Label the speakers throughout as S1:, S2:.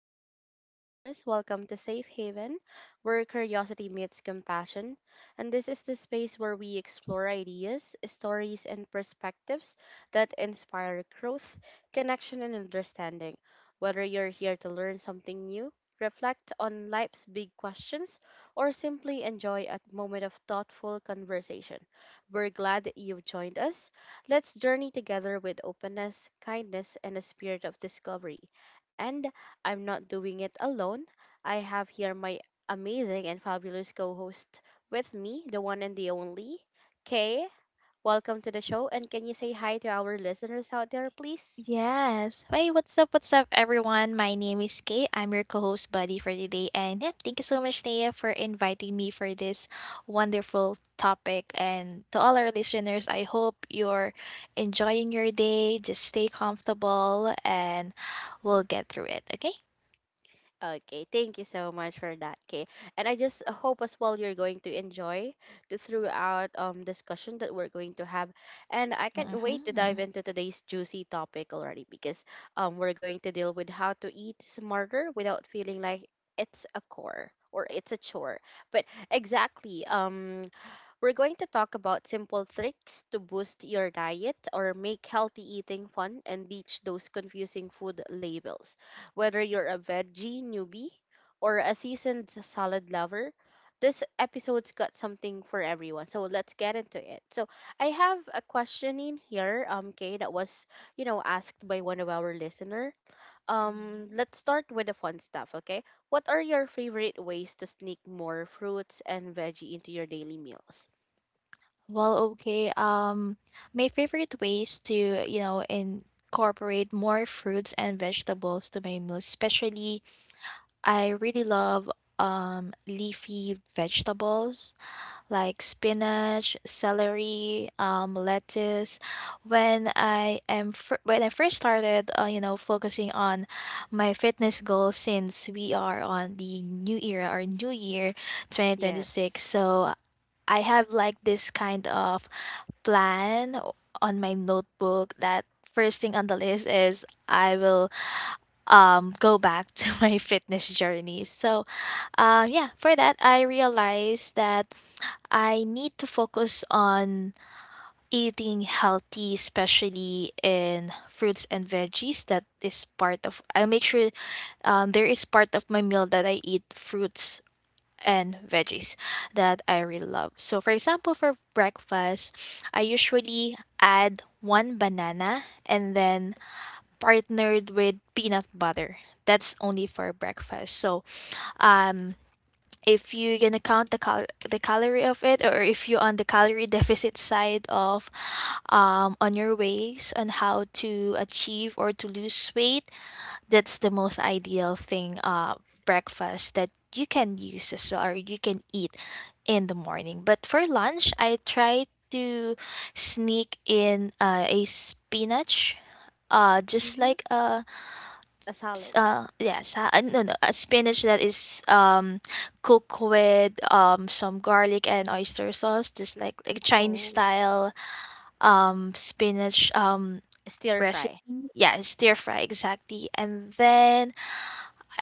S1: Hi, listeners. Welcome to Safe Haven, where curiosity meets compassion. And this is the space where we explore ideas, stories, and perspectives that inspire growth, connection, and understanding. Whether you're here to learn something new, reflect on life's big questions, or simply enjoy a moment of thoughtful conversation, we're glad that you've joined us. Let's journey together with openness, kindness, and a spirit of discovery. And I'm not doing it alone. I have here my amazing and fabulous co host with me, the one and the only, Kay. Welcome to the show. And can you say hi to our listeners out there, please?
S2: Yes. Hey, what's up? What's up, everyone? My name is Kay. I'm your co host buddy for today. And yeah, thank you so much, Naya, for inviting me for this wonderful topic. And to all our listeners, I hope you're enjoying your day. Just stay comfortable and we'll get through it, okay?
S1: Okay, thank you so much for that, Kay. And I just hope as well you're going to enjoy the throughout discussion that we're going to have. And I can't wait to dive
S2: Mm-hmm.
S1: into today's juicy topic already because we're going to deal with how to eat smarter without feeling like it's a core or it's a chore. But exactly, we're going to talk about simple tricks to boost your diet or make healthy eating fun and ditch those confusing food labels. Whether you're a veggie newbie or a seasoned salad lover, this episode's got something for everyone. So let's get into it. So I have a question in here, Kay, that was, you know, asked by one of our listener.
S2: Mm-hmm.
S1: Let's start with the fun stuff, okay? What are your favorite ways to sneak more fruits and veggie into your daily meals?
S2: Well, okay. Um, my favorite ways to, incorporate more fruits and vegetables to my meals, especially I really love leafy vegetables like spinach, celery, lettuce. When I first started, focusing on my fitness goals since we are on the new era or new year, 2026.
S1: Yes.
S2: So I have like this kind of plan on my notebook that first thing on the list is I will go back to my fitness journey. So, yeah, for that I realized that I need to focus on eating healthy, especially in fruits and veggies. That is part of. I'll make sure there is part of my meal that I eat fruits and veggies that I really love. So, for example, for breakfast, I usually add one banana and then partnered with peanut butter. That's only for breakfast. So, um, if you're gonna count the calorie of it, or if you're on the calorie deficit side of, on your ways on how to achieve or to lose weight, that's the most ideal thing. Breakfast that you can use as well, or you can eat in the morning. But for lunch, I try to sneak in a spinach. Just
S1: Mm-hmm.
S2: like a
S1: A
S2: s-
S1: salad.
S2: yes no no a spinach that is cooked with some garlic and oyster sauce, just like Chinese
S1: Oh,
S2: style spinach
S1: stir
S2: recipe,
S1: fry,
S2: yeah, stir fry exactly. And then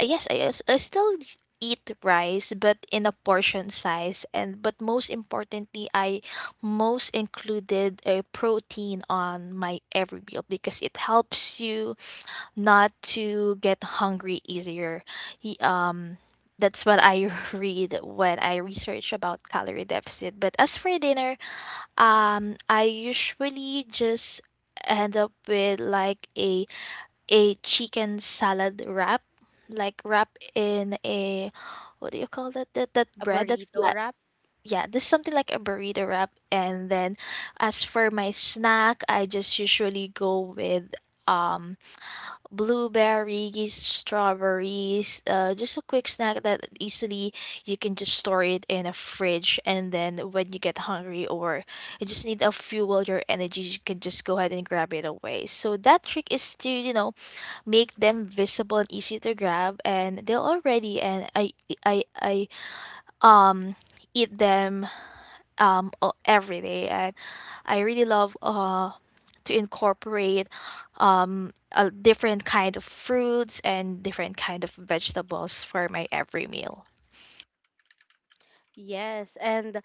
S2: I yes I, als- I still eat rice but in a portion size, and but most importantly I most included a protein on my every meal because it helps you not to get hungry easier. He, um, that's what I read when I research about calorie deficit. But as for dinner, I usually just end up with like a chicken salad wrap, like wrap in a, what do you call that, that
S1: a
S2: bread that
S1: burrito
S2: flat.
S1: wrap.
S2: Yeah, this is something like a burrito wrap, and then as for my snack, I just usually go with um blueberries, strawberries, just a quick snack that easily you can just store it in a fridge, and then when you get hungry or you just need a fuel your energy, you can just go ahead and grab it away. So that trick is to, you know, make them visible and easy to grab, and they'll already, and I um eat them every day, and I really love to incorporate a different kind of fruits and different kind of vegetables for my every meal.
S1: Yes, and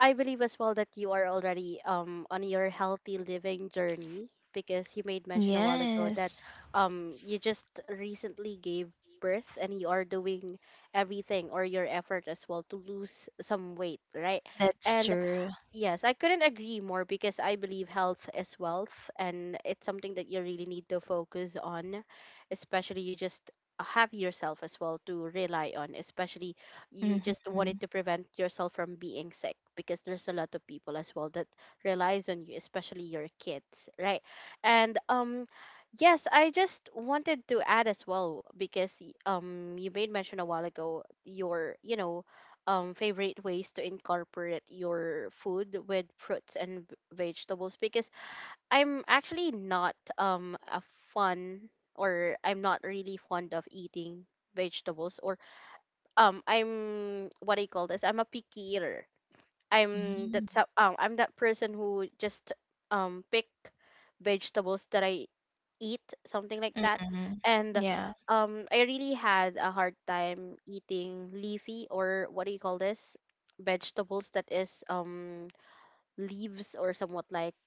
S1: I believe as well that you are already on your healthy living journey because you made mention a while ago that
S2: Yes,
S1: you just recently gave birth and you are doing everything or your effort as well to lose some weight, right?
S2: that's
S1: And
S2: true.
S1: yes, I couldn't agree more because I believe health is wealth and it's something that you really need to focus on, especially you just have yourself as well to rely on, especially you just
S2: Mm-hmm.
S1: wanted to prevent yourself from being sick because there's a lot of people as well that relies on you, especially your kids, right? And yes, I just wanted to add as well because you made mention a while ago your, you know, favorite ways to incorporate your food with fruits and vegetables because I'm actually not a fun or I'm not really fond of eating vegetables or I'm what I call this, I'm a picky eater. I'm
S2: Mm-hmm.
S1: that's I'm that person who just pick vegetables that I eat something like that.
S2: Mm-hmm.
S1: And
S2: Yeah,
S1: I really had a hard time eating leafy or what do you call this, vegetables that is leaves or somewhat like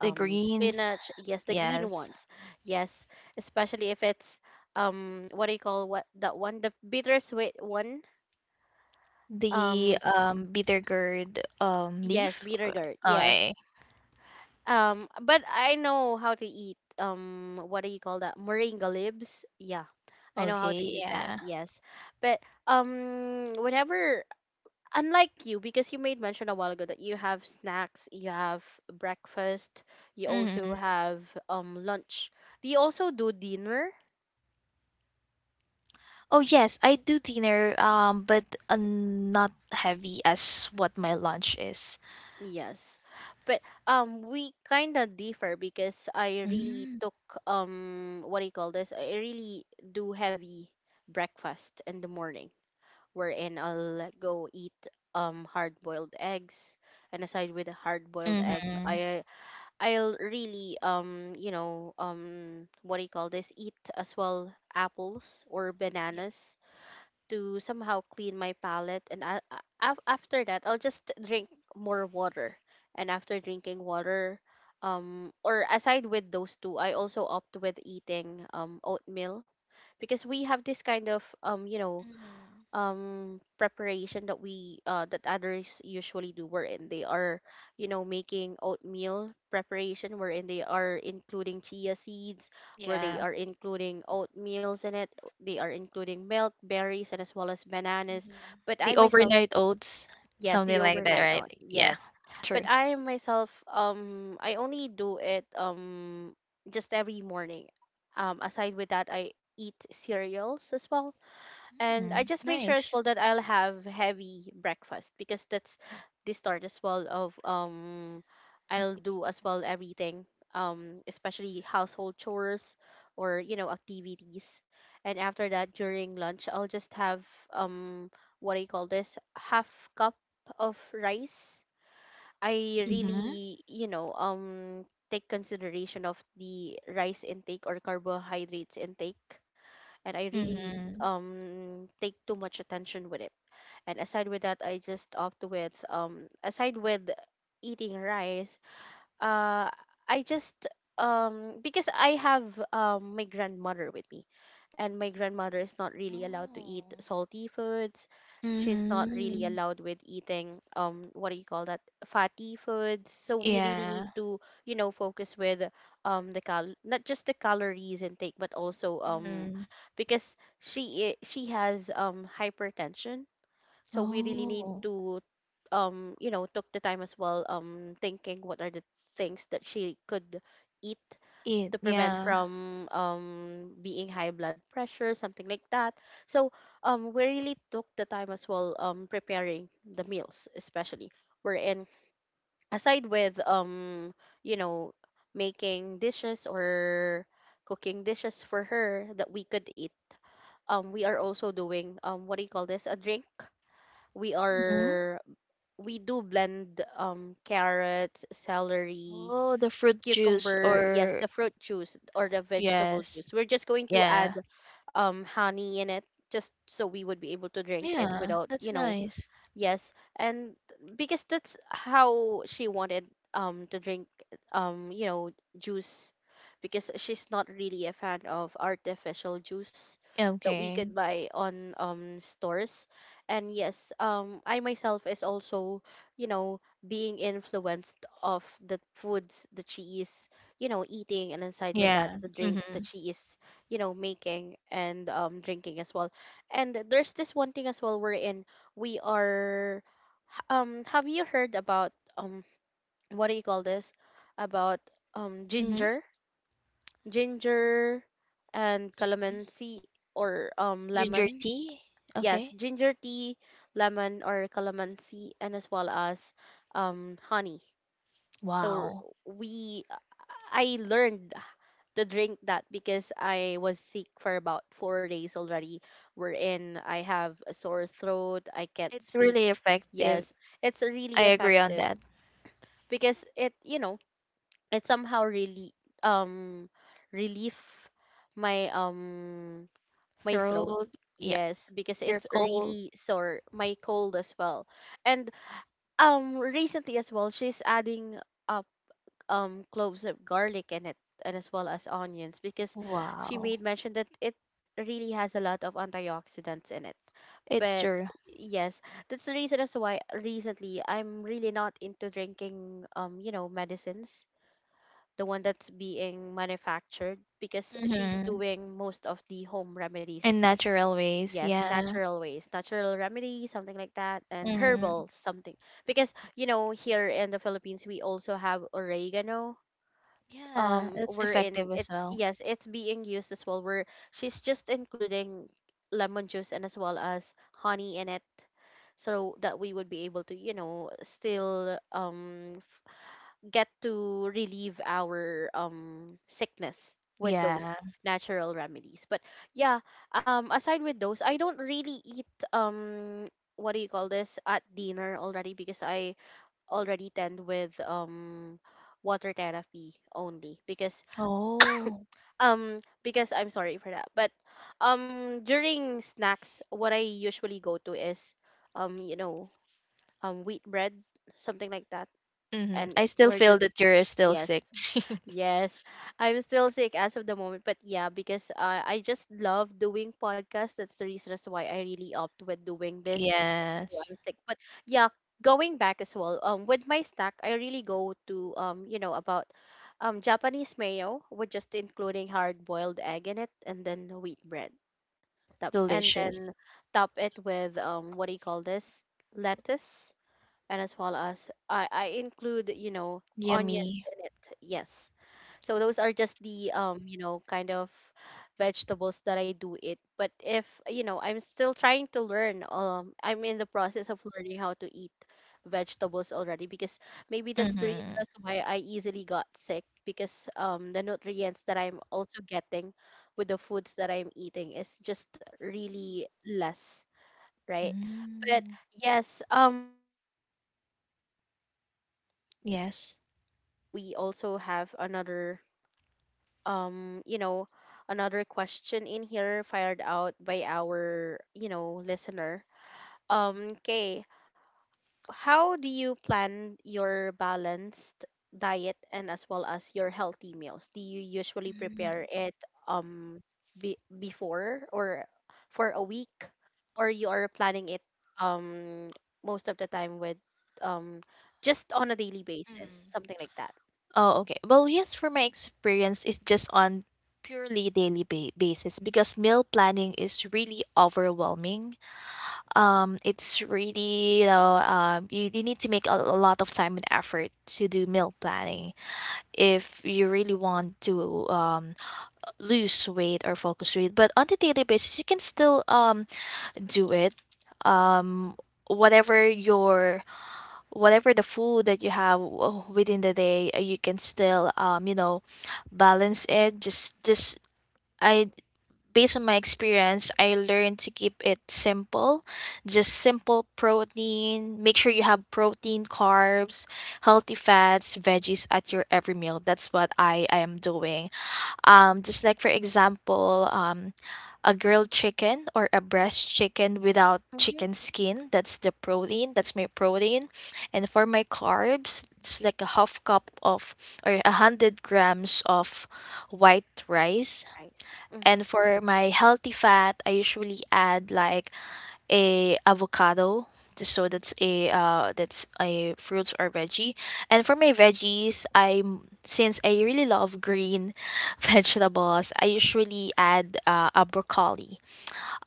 S2: the greens.
S1: spinach, yes, the green
S2: Yes,
S1: ones. Yes, especially if it's what do you call, what that one, the bittersweet one.
S2: the
S1: um
S2: bitter gourd
S1: yes,
S2: leaf.
S1: bitter gourd, yes.
S2: Okay.
S1: But I know how to eat. What do you call that? Moringa leaves. Yeah, I know how to
S2: Okay.
S1: eat that.
S2: Yeah.
S1: Yes, but whenever, unlike you, because you made mention a while ago that you have snacks, you have breakfast, you also
S2: Mm-hmm.
S1: have lunch. Do you also do dinner?
S2: Oh yes, I do dinner, but not heavy as what my lunch is.
S1: Yes, but we kind of differ because I really
S2: Mm.
S1: took what do you call this? I really do heavy breakfast in the morning wherein I'll go eat hard-boiled eggs. And aside with the hard-boiled eggs,
S2: Mm-hmm.
S1: I'll really you know what do you call this? Eat as well apples or
S2: Yep.
S1: bananas to somehow clean my palate. And after that, I'll just drink more water. And after drinking water, or aside with those two, I also opt with eating oatmeal because we have this kind of you know
S2: Mhm.
S1: preparation that we that others usually do wherein they are, you know, making oatmeal preparation wherein they are including chia seeds, where they
S2: Yeah.
S1: are including oatmeals in it, they are including milk berries and as well as bananas.
S2: Mhm.
S1: But I
S2: The
S1: myself,
S2: overnight oats,
S1: yes,
S2: something
S1: the
S2: like that,
S1: overnight
S2: right?
S1: oat,
S2: Yeah.
S1: yes, but
S2: True.
S1: I myself I only do it just every morning. Aside with that, I eat cereals as well, and I
S2: Mm.
S1: just make sure as
S2: Nice.
S1: well that I'll have heavy breakfast because that's the start as well of I'll do as well everything, especially household chores or, you know, activities. And after that, during lunch, I'll just have um what I call this, half cup of rice. I
S2: Mm-hmm.
S1: really, you know, take consideration of the rice intake or carbohydrates intake, and I really
S2: Mm-hmm.
S1: take too much attention with it. And aside with that, I just opt with, aside with eating rice, uh I just because I have my grandmother with me, and my grandmother is not really allowed to eat
S2: Oh.
S1: salty foods. She's not really
S2: Mm-hmm.
S1: allowed with eating what do you call that? Fatty foods. So we really need
S2: Yeah.
S1: to, you know, focus with the cal, not just the calories intake but also
S2: Mhm.
S1: because she has hypertension, so we really need
S2: Oh.
S1: to you know took the time as well thinking what are the things that she could eat
S2: It.
S1: to prevent
S2: Yeah.
S1: from being high blood pressure, something like that. So we really took the time as well preparing the meals, especially we're in, aside with you know making dishes or cooking dishes for her that we could eat. We are also doing, what do you call this, a drink. we
S2: Mhm. Mm-hmm.
S1: are we do blend carrots, celery,
S2: Oh, the fruit juice
S1: cucumber, yes,
S2: or
S1: the fruit juice or the vegetable
S2: yes.
S1: juice. We're just going to
S2: Yeah.
S1: add honey in it just so we would be able to drink it
S2: Yeah,
S1: without,
S2: that's
S1: you know.
S2: nice.
S1: Yes, and because that's how she wanted to drink you know juice, because she's not really a fan of artificial juice that we
S2: Okay.
S1: could buy on stores. And yes, I myself is also, you know, being influenced of the foods that she is, you know, eating, and inside with that
S2: Yeah.
S1: the drinks that
S2: Mm-hmm.
S1: she is, you know, making and drinking as well. And there's this one thing as well wherein we are have you heard about what do you call this, about
S2: Mm-hmm.
S1: ginger, ginger and calamansi or
S2: Ginger
S1: lemon?
S2: tea?
S1: Yes,
S2: Okay.
S1: ginger tea, lemon or calamansi, and as well as honey. So
S2: Wow.
S1: we I learned to drink that because I was sick for about 4 days already, wherein I have a sore throat, I can't
S2: It's
S1: speak.
S2: really effective.
S1: Yes, it's
S2: I
S1: really
S2: agree on
S1: effective
S2: that.
S1: because it, you know, it somehow really um relief my my throat.
S2: Throat, yeah.
S1: Yes, because
S2: Your
S1: it's
S2: cold.
S1: really sore, my cold as well. And recently as well, she's adding uh, cloves of garlic in it, and as well as onions, because she
S2: Wow.
S1: made mention that it really has a lot of antioxidants in it.
S2: It's
S1: But
S2: true.
S1: yes, that's the reason as to why recently I'm really not into drinking you know medicines, the one that's being manufactured, because she's
S2: Mm-hmm.
S1: doing most of the home
S2: In
S1: remedies.
S2: natural ways,
S1: Yes,
S2: yeah.
S1: natural ways, natural remedy, something like that, and
S2: Mm-hmm.
S1: herbal something, because you know here in the Philippines we also have oregano,
S2: Yeah, it's effective
S1: wherein
S2: as
S1: it's,
S2: well.
S1: yes, it's being used as well, where she's just including lemon juice and as well as honey in it, so that we would be able to, you know, still get to relieve our sickness with
S2: Yeah.
S1: those natural remedies. But yeah, aside with those, I don't really eat um what do you call this, at dinner already, because I already tend with water therapy only,
S2: Oh.
S1: because I'm sorry for that. But during snacks what I usually go to is you know wheat bread, something like that,
S2: Mm-hmm.
S1: and
S2: I still
S1: we're
S2: feel
S1: just,
S2: that you're still
S1: yes,
S2: sick.
S1: yes, I'm still sick as of the moment, but yeah, because I just love doing podcasts, that's the reason as why I really opt with doing this. Oh,
S2: Yes.
S1: I'm sick. But yeah, going back as well. With my stack, I really go to, you know, about Japanese mayo with just including hard boiled egg in it, and then wheat bread. Top and
S2: Delicious.
S1: then top it with, what do you call this? Lettuce, and as well as I include, you know, onions
S2: Yummy.
S1: in it. Yes, so those are just the, you know, kind of vegetables that I do eat. But if, you know, I'm still trying to learn, I'm in the process of learning how to eat vegetables already, because maybe that's the reason
S2: Mm-hmm.
S1: as to why I easily got sick, because the nutrients that I'm also getting with the foods that I'm eating is just really less, right? But
S2: Mm,
S1: yes, but I just wanted to quickly ask
S2: yes.
S1: because I believe we also have another, um you know another question in here fired out by our, listener. Okay, how do you plan your balanced diet and as well as your healthy meals? Do you usually
S2: Mm.
S1: prepare it um before, or for a week, or you are planning it um most of the time with, um just on a daily basis,
S2: Mm-hmm.
S1: something like that?
S2: Yes, for my experience, it's just on purely daily basis because meal planning is really overwhelming. It's really, you need to make a lot of time and effort to do meal planning if you really want to lose weight or focus weight. But on the daily basis, you can still do it. Um, whatever your Whatever the food that you have within the day, you can still, you know, balance it. Just just i based on my experience, I learned to keep it simple. Just simple protein, make sure you have protein, carbs, healthy fats, veggies at your every meal. That's what I am doing. Just like for example, a grilled chicken or a breast chicken without
S1: Hmm.
S2: chicken skin. That's the protein. That's my protein. And for my carbs, it's like a half cup of or a hundred grams of white rice.
S1: Right. Mm-hmm.
S2: And for my healthy fat, I usually add like a avocado. So that's a, that's a fruits or veggie. And for my veggies, I'm, since I really love green vegetables, I usually add a broccoli.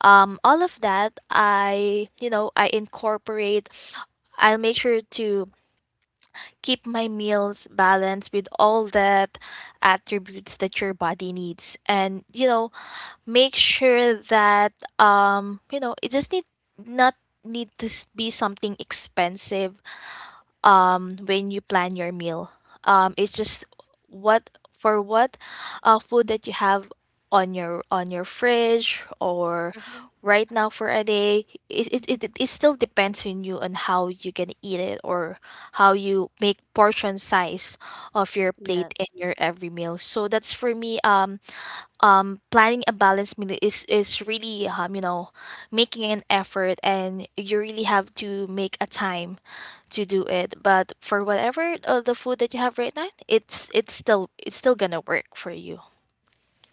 S2: All of that I, you know, I incorporate. I'll make sure to keep my meals balanced with all that attributes that your body needs, and, you know, make sure that, you know, it just need not need to be something expensive when you plan your meal. It's just what, for what food that you have on your fridge or
S1: Mm-hmm.
S2: right now for a day. It still depends on you on how you can eat it, or how you make portion size of your plate and
S1: Yes.
S2: your every meal. So that's for me, planning a balanced meal is really, you know, making an effort, and you really have to make a time to do it. But for whatever, the food that you have right now, it's still gonna work for you.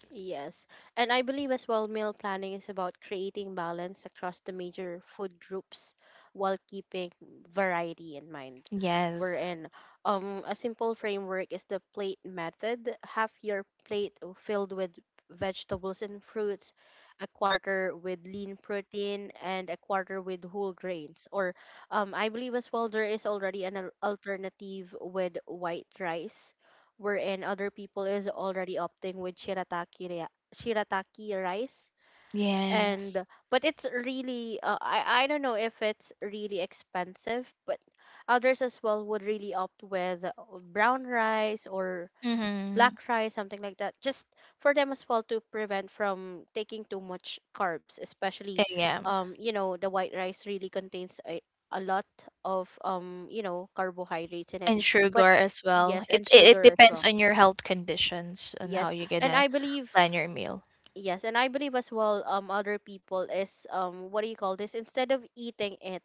S1: Yes. And I believe as well, meal planning is about creating balance across the major food groups while keeping variety in mind.
S2: Yes.
S1: Wherein, a simple framework is the plate method. Half your plate filled with vegetables and fruits, a quarter with lean protein, and a quarter with whole grains. Or, I believe as well, there is already an alternative with white rice, wherein other people is already opting with shirataki shirataki rice,
S2: Yes.
S1: and but it's really, I don't know if it's really expensive, but others as well would really opt with, brown rice or
S2: Mm-hmm.
S1: black rice, something like that, just for them as well to prevent from taking too much carbs, especially,
S2: Yeah,
S1: the white rice really contains a lot of, carbohydrates in it,
S2: and
S1: but
S2: sugar as well.
S1: yes,
S2: it,
S1: and
S2: it it
S1: sugar as
S2: depends
S1: well.
S2: on your health conditions and how
S1: Yes,
S2: you're
S1: and
S2: gonna
S1: I believe,
S2: plan your meal.
S1: yes, and I believe as well, other people is, what do you call this? Instead of eating it,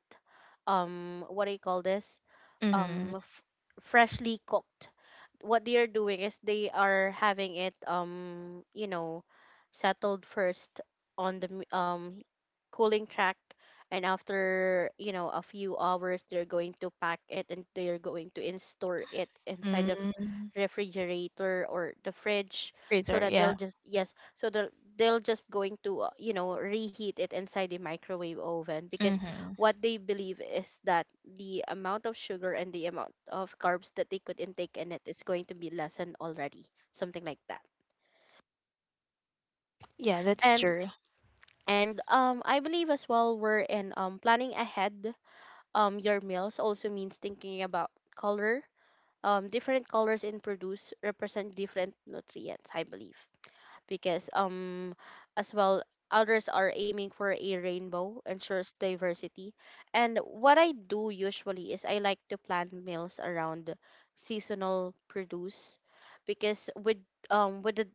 S1: what do you call this?
S2: Mm-hmm.
S1: um f- Freshly cooked, what they are doing is they are having it, settled first on the cooling track, and after, a few hours, they're going to pack it, and they're going to in store it inside the
S2: Mm.
S1: refrigerator or the fridge, so
S2: Freezer,
S1: that they'll
S2: yeah.
S1: just, yes, so they'll just going to, reheat it inside the microwave oven, because
S2: Mm-hmm.
S1: what they believe is that the amount of sugar and the amount of carbs that they could intake in it is going to be lessened already, something like that.
S2: Yeah, that's
S1: and
S2: true.
S1: and I believe as well, we're in, planning ahead, your meals also means thinking about color. Different colors in produce represent different nutrients, I believe, because, as well, others are aiming for a rainbow ensures diversity. And what I do usually is I like to plan meals around seasonal produce, because with, the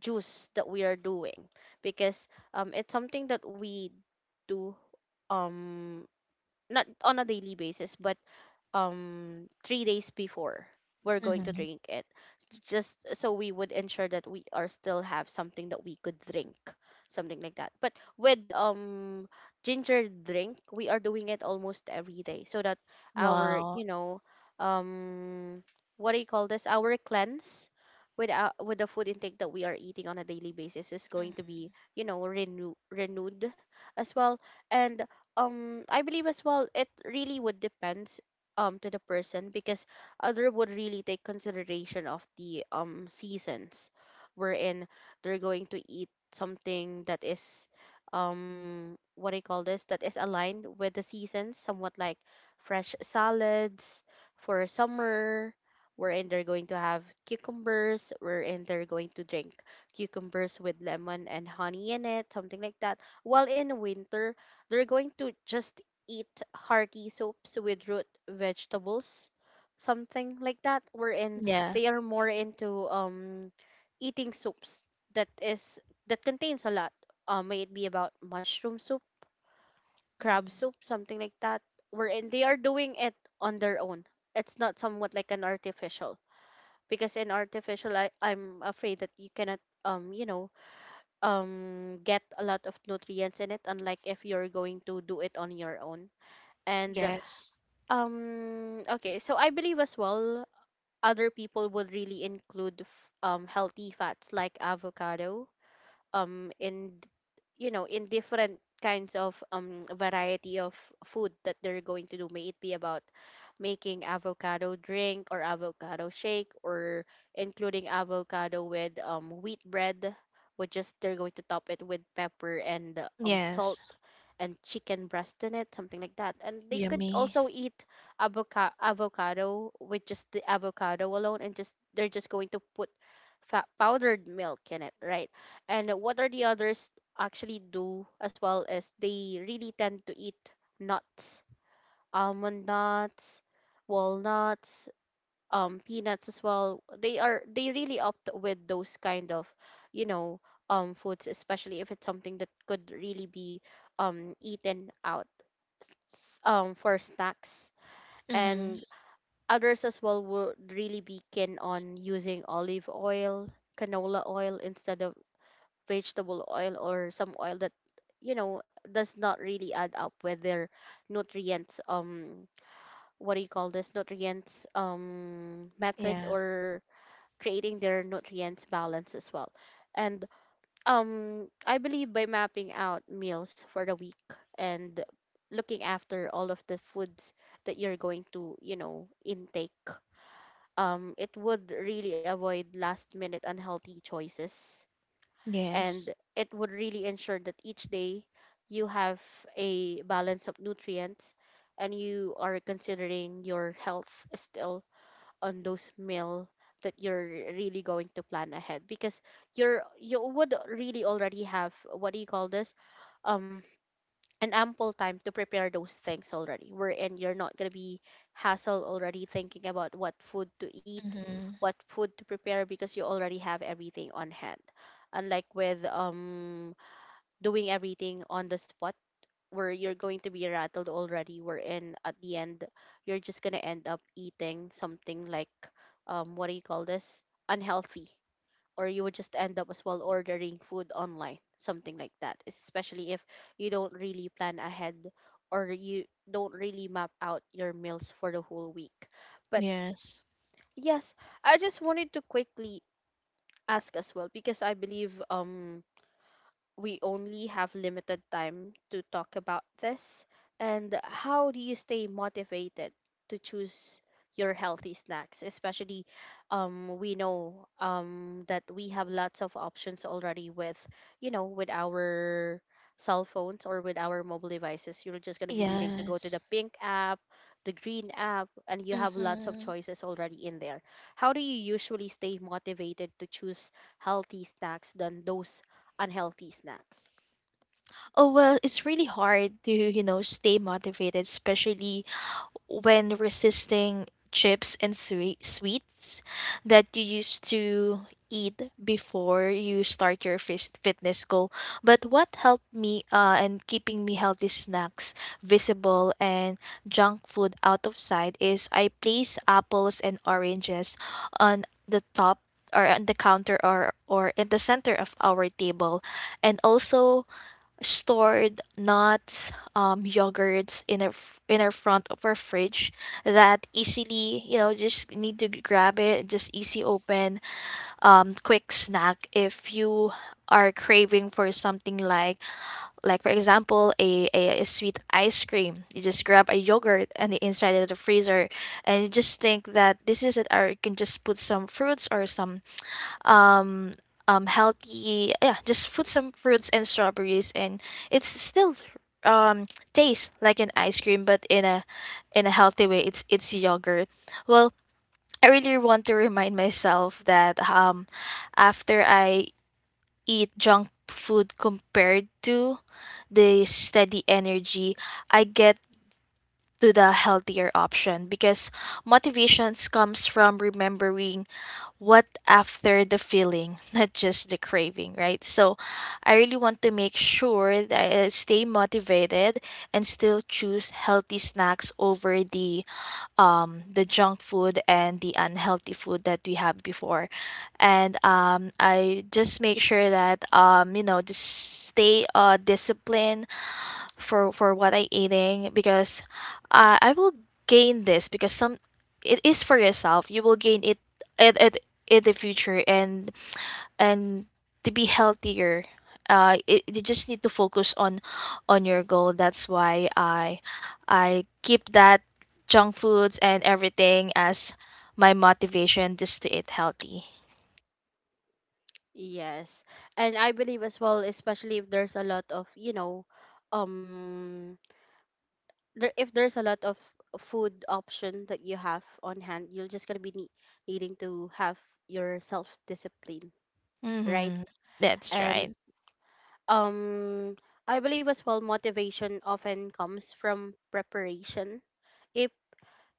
S1: juice that we are doing, because, it's something that we do, um not on a daily basis, but 3 days before we're going to
S2: Mm-hmm.
S1: drink it, just so we would ensure that we are still have something that we could drink, something like that. But with, ginger drink, we are doing it almost every day, so that our,
S2: Wow.
S1: um what do you call this, our cleanse with our, with the food intake that we are eating on a daily basis is going to
S2: Mm-hmm.
S1: be, renew, renewed as well. And I believe as well, it really would depend, to the person, because other would really take consideration of the, seasons, wherein they're going to eat something that is, what do you call this, that is aligned with the seasons, somewhat like fresh salads for summer, wherein they're going to have cucumbers, wherein they're going to drink cucumbers with lemon and honey in it, something like that, while in winter, they're going to just eat hearty soups with root vegetables, something like that. Wherein
S2: Yeah.
S1: they are more into, eating soups that is that contains a lot. May it be about mushroom soup, crab soup,
S2: Mm-hmm.
S1: something like that. Wherein they are doing it on their own. It's not somewhat like an artificial, because in artificial, I'm afraid that you cannot, um you know get a lot of nutrients in it, unlike if you're going to do it on your own. and
S2: Yes.
S1: um, okay, so I believe as well other people would really include, healthy fats like avocado, in, in different kinds of, variety of food that they're going to do, may it be about making avocado drink or avocado shake, or including avocado with, wheat bread, which is they're going to top it with pepper and, salt
S2: Yes.
S1: and chicken breast in it, something like that, and they could
S2: Yummy.
S1: also eat avocado, avocado with just the avocado alone, and just, they're just going to put, powdered milk in it, right? And what are the others actually do as well is they really tend to eat nuts, almond nuts, walnuts, peanuts as well. They really opt with those kind of, you know, foods, especially if it's something that could really be, eaten out, for snacks.
S2: Mm-hmm.
S1: And others as well would really be keen on using olive oil, canola oil, instead of vegetable oil or some oil that, does not really add up with their nutrients, what do you call this, nutrients, method,
S2: Yeah.
S1: or creating their nutrients balance as well. And I believe by mapping out meals for the week and looking after all of the foods that you're going to, intake, it would really avoid last minute unhealthy choices,
S2: Yes.
S1: and it would really ensure that each day you have a balance of nutrients and you are considering your health still on those meal that you're really going to plan ahead, because you would really already have, what do you call this, um an ample time to prepare those things already, wherein you're not going to be hassled already thinking about what food to eat,
S2: Mm-hmm.
S1: what food to prepare, because you already have everything on hand, unlike with, doing everything on the spot, where you're going to be rattled already, wherein at the end you're just going to end up eating something like, what do you call this, unhealthy, or you would just end up as well ordering food online, something like that, especially if you don't really plan ahead, or you don't really map out your meals for the whole week. But
S2: Yes.
S1: yes, I just wanted to quickly ask as well, because I believe, we only have limited time to talk about this. And how do you stay motivated to choose your healthy snacks? Especially, we know, that we have lots of options already with, you know, with our cell phones or with our mobile devices. You're just going to be needing to go to the
S2: Yes.
S1: pink app, the green app, and you have lots of
S2: Mm-hmm.
S1: choices already in there. How do you usually stay motivated to choose healthy snacks than those unhealthy snacks?
S2: Oh well, it's really hard to, you know, stay motivated, especially when resisting chips and sweets that you used to eat before you start your fitness goal. But what helped me, and keeping me healthy snacks visible and junk food out of sight, is I place apples and oranges on the top or on the counter, or in the center of our table, and also stored nuts, yogurts in our front of our fridge, that easily, you know, just need to grab it, just easy open, quick snack. If you are craving for something like for example a sweet ice cream, you just grab a yogurt and the inside of the freezer, and you just think that this is it. Or you can just put some fruits or some um healthy yeah just put some fruits and strawberries, and it's still, um tastes like an ice cream but in a, in a healthy way. It's yogurt. Well, I really want to remind myself that, after I eat junk food compared to the steady energy I get to the healthier option, because motivations comes from remembering what after the feeling, not just the craving, right? So I really want to make sure that I stay motivated and still choose healthy snacks over the, the junk food and the unhealthy food that we had before. And I just make sure that, you know, just stay disciplined for what I eating, because, I will gain this because some it is for yourself. You will gain it at in the future, and to be healthier. You just need to focus on your goal. That's why I keep that junk foods and everything as my motivation just to eat healthy.
S1: Yes. And I believe as well, especially if there's a lot of, you know, um there if there's a lot of food option that you have on hand, you're just gonna be needing to have your self-discipline, right?
S2: Mm-hmm. That's right.
S1: And um I believe as well motivation often comes from preparation. If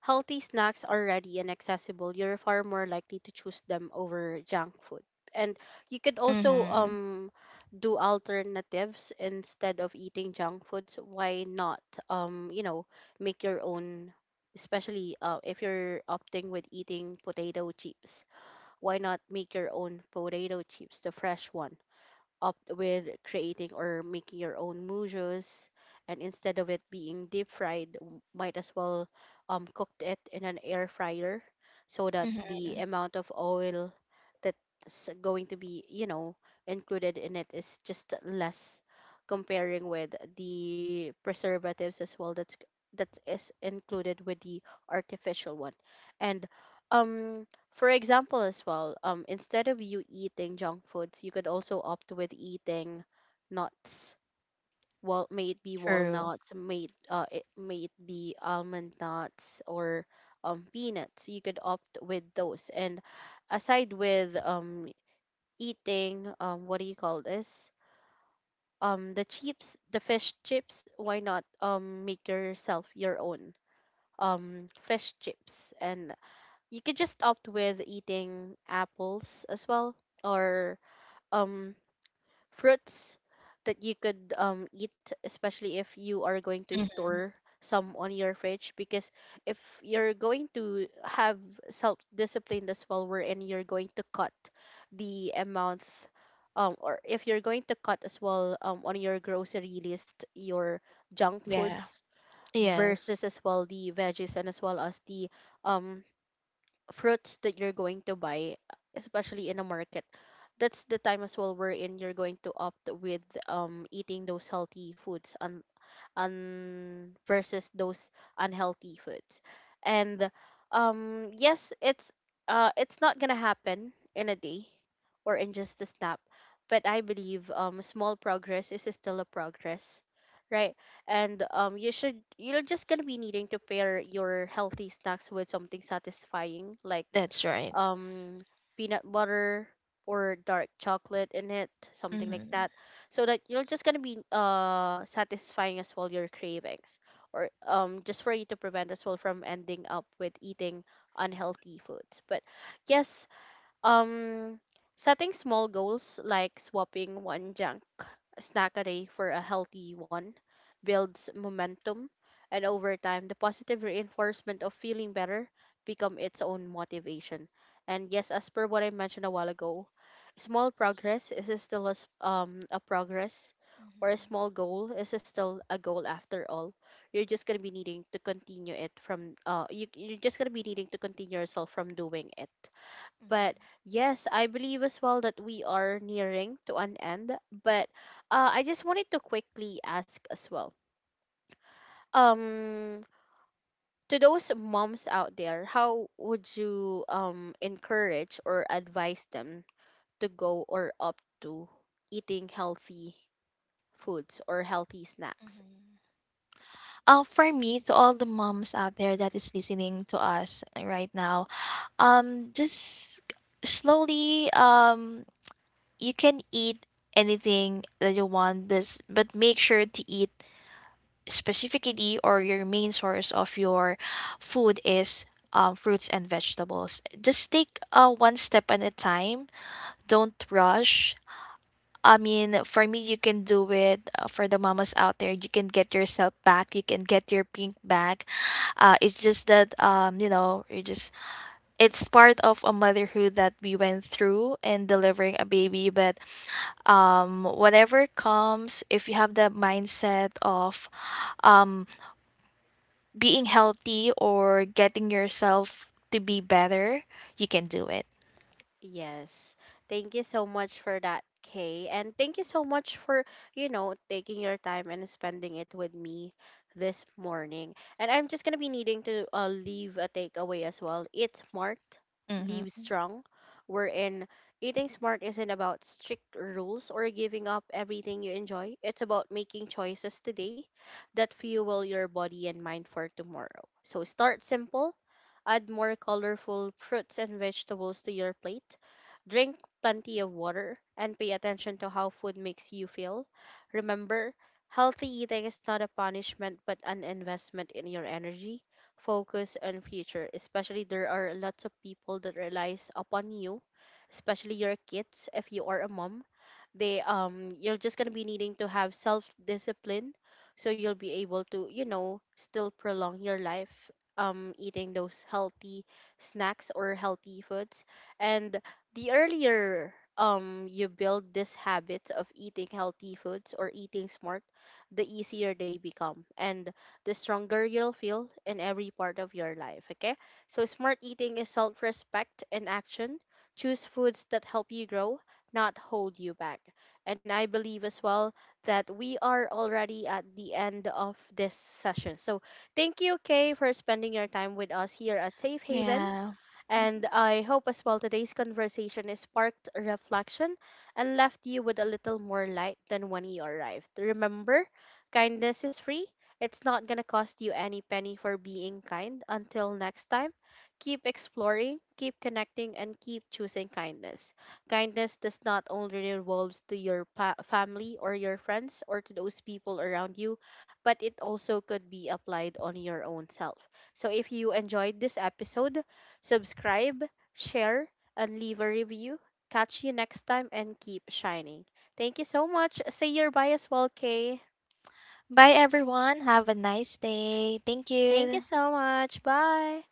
S1: healthy snacks are ready and accessible, you're far more likely to choose them over junk food. And you could also,
S2: Mm-hmm.
S1: do alternatives instead of eating junk foods. Why not, um you know make your own, especially, if you're opting with eating potato chips. Why not make your own potato chips, the fresh one? Opt with creating or making your own mousse, and instead of it being deep fried, might as well, cooked it in an air fryer, so that
S2: Mm-hmm.
S1: the amount of oil that's going to be, included in it is just less, comparing with the preservatives as well that is included with the artificial one. And um for example, as well, instead of you eating junk foods, you could also opt with eating nuts. Well, may it be
S2: True.
S1: walnuts, may it be almond nuts, or, peanuts. You could opt with those. And aside with, eating, what do you call this? The chips, the fish chips. Why not, make yourself your own, fish chips, and you could just opt with eating apples as well, or, um fruits that you could, eat, especially if you are going to
S2: Mm-hmm.
S1: store some on your fridge, because if you're going to have self discipline as well, wherein you're going to cut the amount, or if you're going to cut as well, on your grocery list your junk
S2: Yeah.
S1: foods versus
S2: Yes.
S1: as well the veggies and as well as the, um fruits that you're going to buy, especially in a market, that's the time as well wherein you're going to opt with, eating those healthy foods, versus those unhealthy foods. And yes, it's not gonna happen in a day, or in just a snap, but I believe, small progress is still a progress, right? And you're just gonna be needing to pair your healthy snacks with something satisfying like
S2: That's right.
S1: um, peanut butter or dark chocolate in it,
S2: Hmm.
S1: something like
S2: Mhm.
S1: that so that you're just gonna be satisfying as well your cravings or just for you to prevent as well from ending up with eating unhealthy foods but yes, um, setting small goals like swapping one junk snack a day for a healthy one builds momentum, and over time, the positive reinforcement of feeling better become its own motivation. And yes, as per what I mentioned a while ago, small progress is still a progress, or a small goal is still a goal after all. You're just gonna be needing to continue it from. You're just gonna be needing to continue yourself from doing it but
S2: Mhm.
S1: yes, I believe as well that we are nearing to an end. But I just wanted to quickly ask as well. Um, to those moms out there, how would you encourage or advise them to go or opt to eating healthy foods or healthy snacks?
S2: Mhm. For me, to all the moms out there that is listening to us right now, just slowly, you can eat anything that you want, but make sure to eat specifically, or your main source of your food is, fruits and vegetables. Just take one step at a time. Don't rush. I mean, for me, you can do it. For the mamas out there, you can get yourself back. You can get your pink back. It's just that, you know, you just, it's part of a motherhood that we went through in delivering a baby. But, whatever comes, if you have the mindset of, um being healthy or getting yourself to be better, you can do it.
S1: Yes. Thank you so much for that, Kay. And thank you so much for, taking your time and spending it with me this morning. And I'm just going to be needing to leave a takeaway as well. Eat smart, leave
S2: Mm-hmm.
S1: strong. We're in eating smart isn't about strict rules or giving up everything you enjoy. It's about making choices today that fuel your body and mind for tomorrow. So start simple. Add more colorful fruits and vegetables to your plate. Drink plenty of water and pay attention to how food makes you feel. Remember, healthy eating is not a punishment but an investment in your energy, focus, and future. Especially there are lots of people that relies upon you, especially your kids. If you are a mom, they you're just going to be needing to have self discipline so you'll be able to, still prolong your life, eating those healthy snacks or healthy foods, and the earlier you build this habit of eating healthy foods or eating smart, the easier they become and the stronger you'll feel in every part of your life, okay? So smart eating is self-respect in action. Choose foods that help you grow, not hold you back. And I believe as well that we are already at the end of this session. So thank you, Kay, for spending your time with us here at Safe Haven.
S2: Yeah.
S1: And I hope as well today's conversation has sparked reflection and left you with a little more light than when you arrived. Remember, kindness is free. It's not going to cost you any penny for being kind. Until next time, keep exploring, keep connecting, and keep choosing kindness. Kindness does not only revolves to family or your friends or to those people around you, but it also could be applied on your own self. So if you enjoyed this episode, subscribe, share, and leave a review. Catch you next time and keep shining. Thank you so much. Say your bye as well, Kay.
S2: Bye, everyone. Have a nice day. Thank
S1: Thank you
S2: you.
S1: so much. Bye.